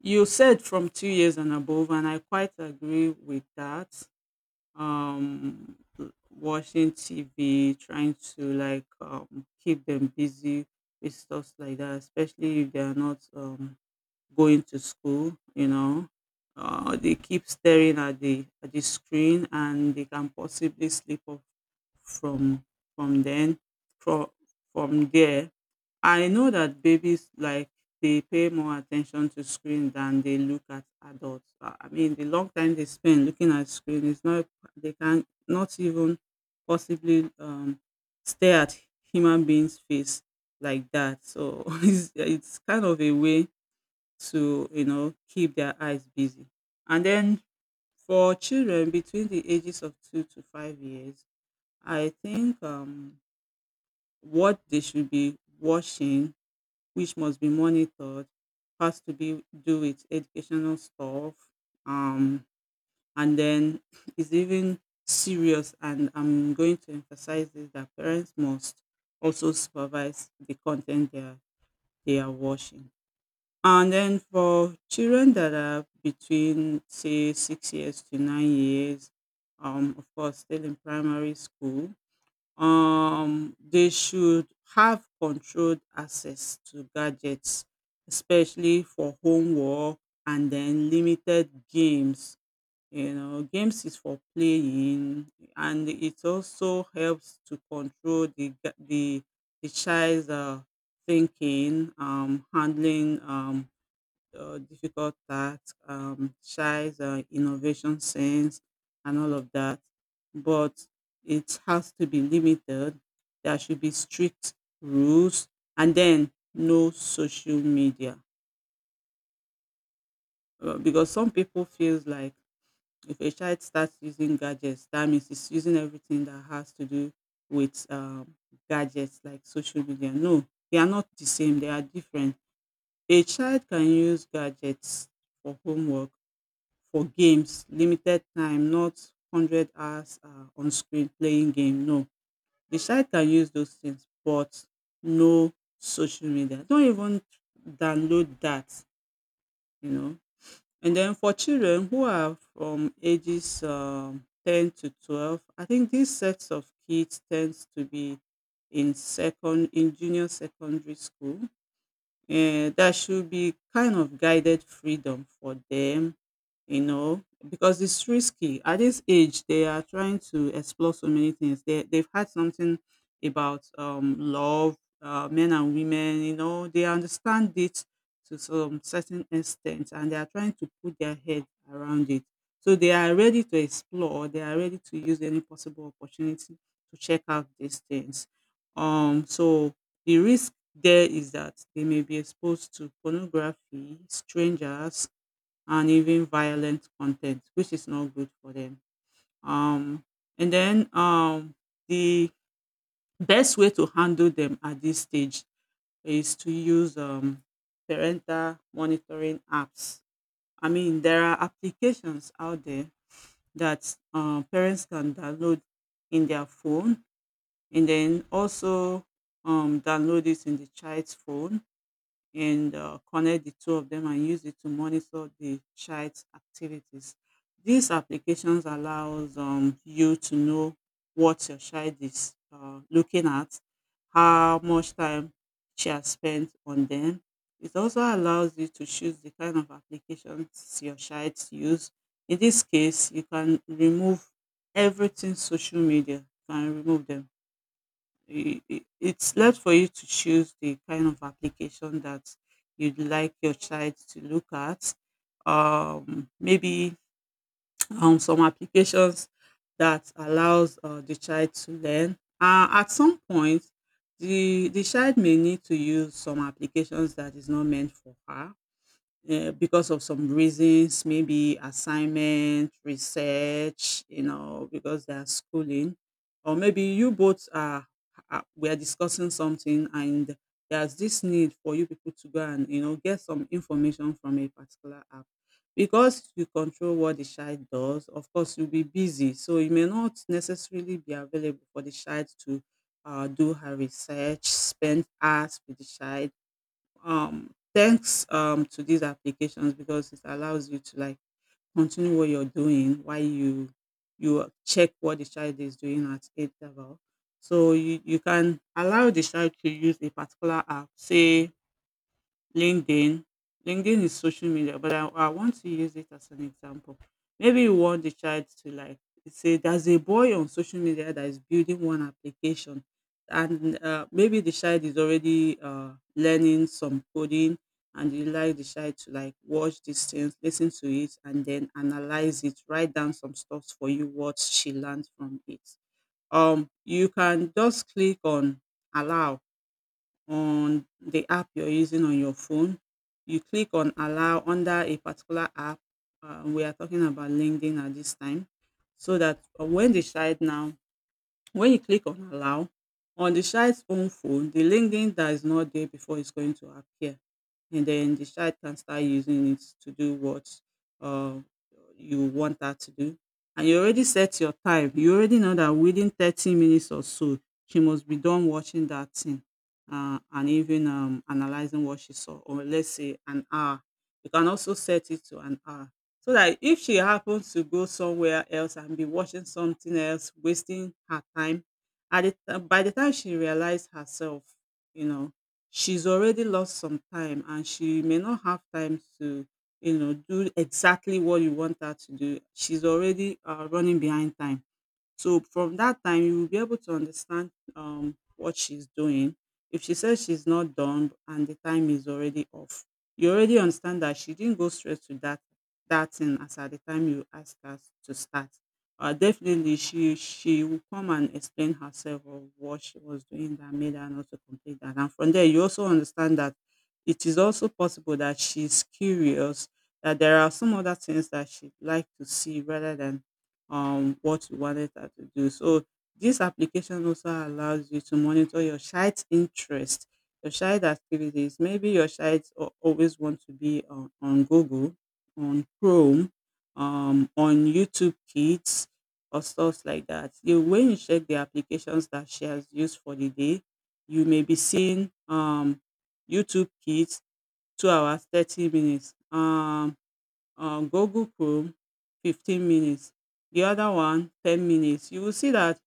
Speaker 2: you said from 2 years and above, and I quite agree with that. um Watching TV, trying to like keep them busy with stuff like that, especially if they are not going to school, you know. They keep staring at the screen and they can possibly slip off from from then, from from there. I know that babies like they pay more attention to screen than they look at adults. I mean, the long time they spend looking at screen is not, they can not even possibly stare at human beings' face like that. So it's kind of a way to, you know, keep their eyes busy. And then for children between the ages of 2 to 5 years, I think what they should be watching, which must be monitored, has to be do with educational stuff. um, and then it's even serious, and I'm going to emphasize this that parents must also supervise the content they are watching. And then for children that are between say 6 years to 9 years, of course still in primary school, they should have controlled access to gadgets, especially for homework and then limited games. You know, games is for playing, and it also helps to control the child's thinking, handling difficult tasks, shy innovation sense, and all of that. But it has to be limited. There should be strict rules, and then no social media. Because some people feels like if a child starts using gadgets, that means it's using everything that has to do with gadgets like social media. No, they are not the same. They are different. A child can use gadgets for homework, for games, limited time, not 100 hours on screen playing game. No, the child can use those things, but no social media. Don't even download that. You know. And then for children who are from ages 10 to 12, I think these sets of kids tends to be in junior secondary school. There should be kind of guided freedom for them, you know, because it's risky. At this age, they are trying to explore so many things. They've had something about love, men and women, you know, they understand it to some certain extent and they are trying to put their head around it. So they are ready to explore, they are ready to use any possible opportunity to check out these things. So the risk there is that they may be exposed to pornography, strangers, and even violent content, which is not good for them. Um, and then the best way to handle them at this stage is to use parental monitoring apps. I mean, there are applications out there that parents can download in their phone and then also download it in the child's phone and connect the two of them and use it to monitor the child's activities. These applications allows you to know what your child is looking at, how much time she has spent on them. It also allows you to choose the kind of applications your child use. In this case, you can remove everything social media. You can remove them. It's left for you to choose the kind of application that you'd like your child to look at. Maybe some applications that allows the child to learn. At some point, the child may need to use some applications that is not meant for her because of some reasons, maybe assignment, research, you know, because they are schooling, or maybe you both are we are discussing something and there's this need for you people to go and, you know, get some information from a particular app. Because you control what the child does, of course you'll be busy, so you may not necessarily be available for the child to do her research, spend hours with the child. Um, thanks to these applications, because it allows you to like continue what you're doing while you check what the child is doing at age level. So you can allow the child to use a particular app, say LinkedIn. LinkedIn is social media, but I want to use it as an example. Maybe you want the child to like, say there's a boy on social media that is building one application, and maybe the child is already learning some coding, and you like the child to like watch these things, listen to it, and then analyze it, write down some stuff for you what she learned from it. You can just click on allow on the app you're using on your phone. You click on allow under a particular app. We are talking about LinkedIn at this time. So that when the child now, when you click on allow, on the child's own phone, the LinkedIn that is not there before is going to appear. And then the child can start using it to do what uh, you want her to do. And you already set your time. You already know that within 30 minutes or so, she must be done watching that thing and even analyzing what she saw, or let's say an hour. You can also set it to an hour. So that if she happens to go somewhere else and be watching something else, wasting her time, by the time she realizes herself, you know, she's already lost some time and she may not have time to, you know, do exactly what you want her to do. She's already running behind time. So from that time, you will be able to understand what she's doing. If she says she's not done and the time is already off, you already understand that she didn't go straight to that thing as at the time you asked her to start. Definitely, she will come and explain herself of what she was doing that made her not to complete that. And from there, you also understand that it is also possible that she's curious, that there are some other things that she'd like to see rather than what you wanted her to do. So this application also allows you to monitor your child's interest, your child activities. Maybe your child always want to be on Google, on Chrome, on YouTube Kids, or stuff like that. You, when you check the applications that she has used for the day, you may be seeing YouTube Kids 2 hours 30 minutes. Google Chrome, 15 minutes, the other one 10 minutes. You will see that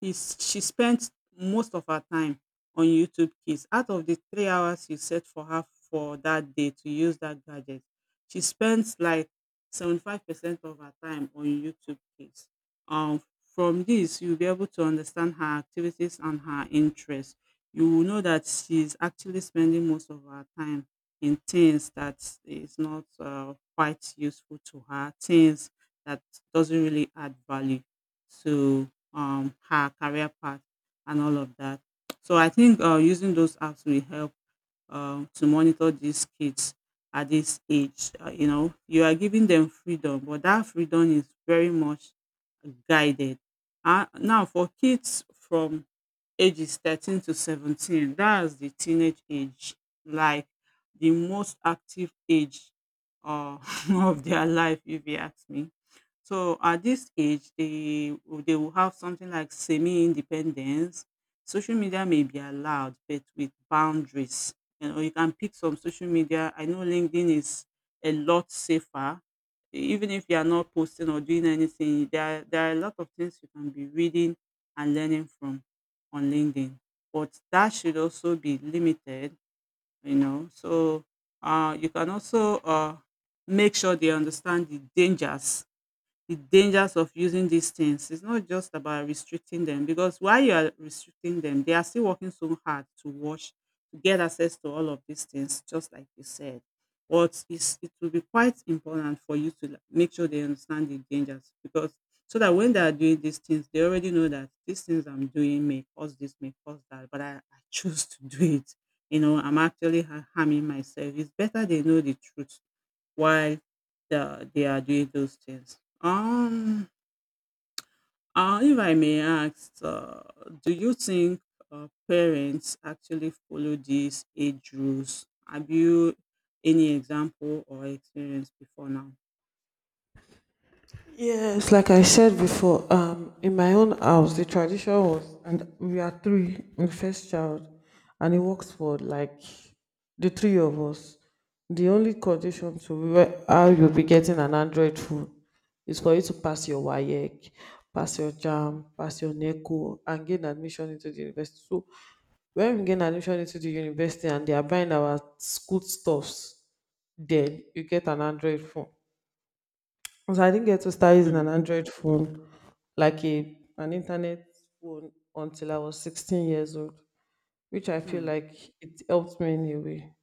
Speaker 2: is she spent most of her time on YouTube Kids. Out of the 3 hours you set for her for that day to use that gadget, she spends like 75% of her time on YouTube Kids. Um, from this, you'll be able to understand her activities and her interests. You will know that she's actually spending most of her time in things that is not quite useful to her, things that doesn't really add value to her career path and all of that. So I think using those apps will help to monitor these kids at this age. You know, you are giving them freedom, but that freedom is very much guided. Now, for kids from ages 13 to 17, that's the teenage age, like the most active age uh, of their life, if you ask me. So at this age, they will have something like semi-independence. Social media may be allowed, but with boundaries. You know, you can pick some social media. I know LinkedIn is a lot safer. Even if you are not posting or doing anything, there are a lot of things you can be reading and learning from on LinkedIn. But that should also be limited, you know. So you can also make sure they understand the dangers of using these things. It's not just about restricting them, because while you are restricting them, they are still working so hard to watch to get access to all of these things, just like you said. It will be quite important for you to like make sure they understand the dangers, because so that when they are doing these things, they already know that these things I'm doing may cause this, may cause that, but I choose to do it. You know, I'm actually harming myself. It's better they know the truth why they they are doing those things. If I may ask, do you think parents actually follow these age rules? Have you any example or experience before now?
Speaker 1: Yes, like I said before, in my own house, the tradition was, and we are three, the first child, and it works for like the three of us. The only condition to how you'll be getting an Android phone is for you to pass your WAEC, pass your JAMB, pass your NECO, and gain admission into the university. So when we gain admission into the university and they are buying our school stuffs, then you get an Android phone. So I didn't get to start using an
Speaker 2: Mm,
Speaker 1: Android phone, like a an internet phone, until I was 16 years old, which I feel
Speaker 2: mm,
Speaker 1: like it helped me in a way.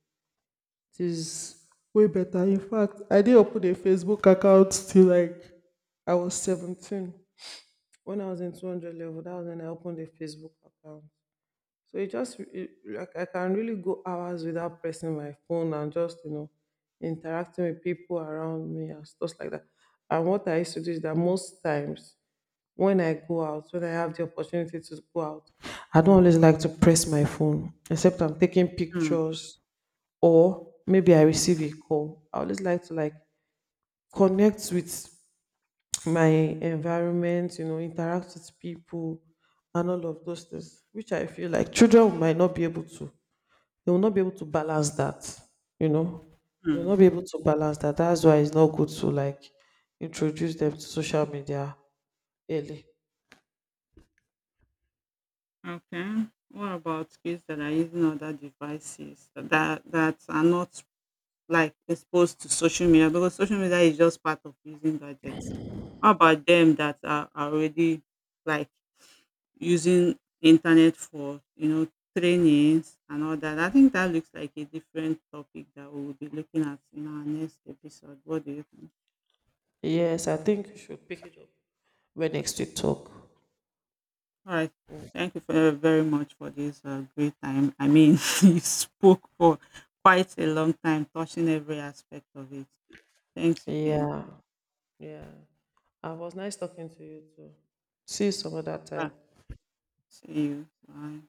Speaker 1: It is way better. In fact, I did open a Facebook account till like I was 17. When I was in 200 level, that was when I opened a Facebook account. So it like I can really go hours without pressing my phone and just interacting with people around me and stuff like that. And what I used to do is that most times when I go out, when I have the opportunity to go out, I don't always like to press my phone, except I'm taking
Speaker 2: mm,
Speaker 1: pictures or maybe I receive a call. I always like to connect with my environment, you know, interact with people and all of those things, which I feel like children might not be able to they will not be able to balance that, you know they will
Speaker 2: mm.
Speaker 1: not be able to balance that that's why it's not good to introduce them to social media early.
Speaker 2: Okay. What about kids that are using other devices that are not like exposed to social media, because social media is just part of using gadgets. How about them that are already like using internet for, you know, trainings and all that. I think that looks like a different topic that we will be looking at in our next episode. What do you think?
Speaker 1: Yes, I think you should pick it up when next we talk.
Speaker 2: All right. Thank you for, very much for this great time. I mean, you spoke for quite a long time, touching every aspect of it. Thanks again.
Speaker 1: Yeah. Yeah. And it was nice talking to you too. See you some other
Speaker 2: Yeah.
Speaker 1: time.
Speaker 2: See you. Bye.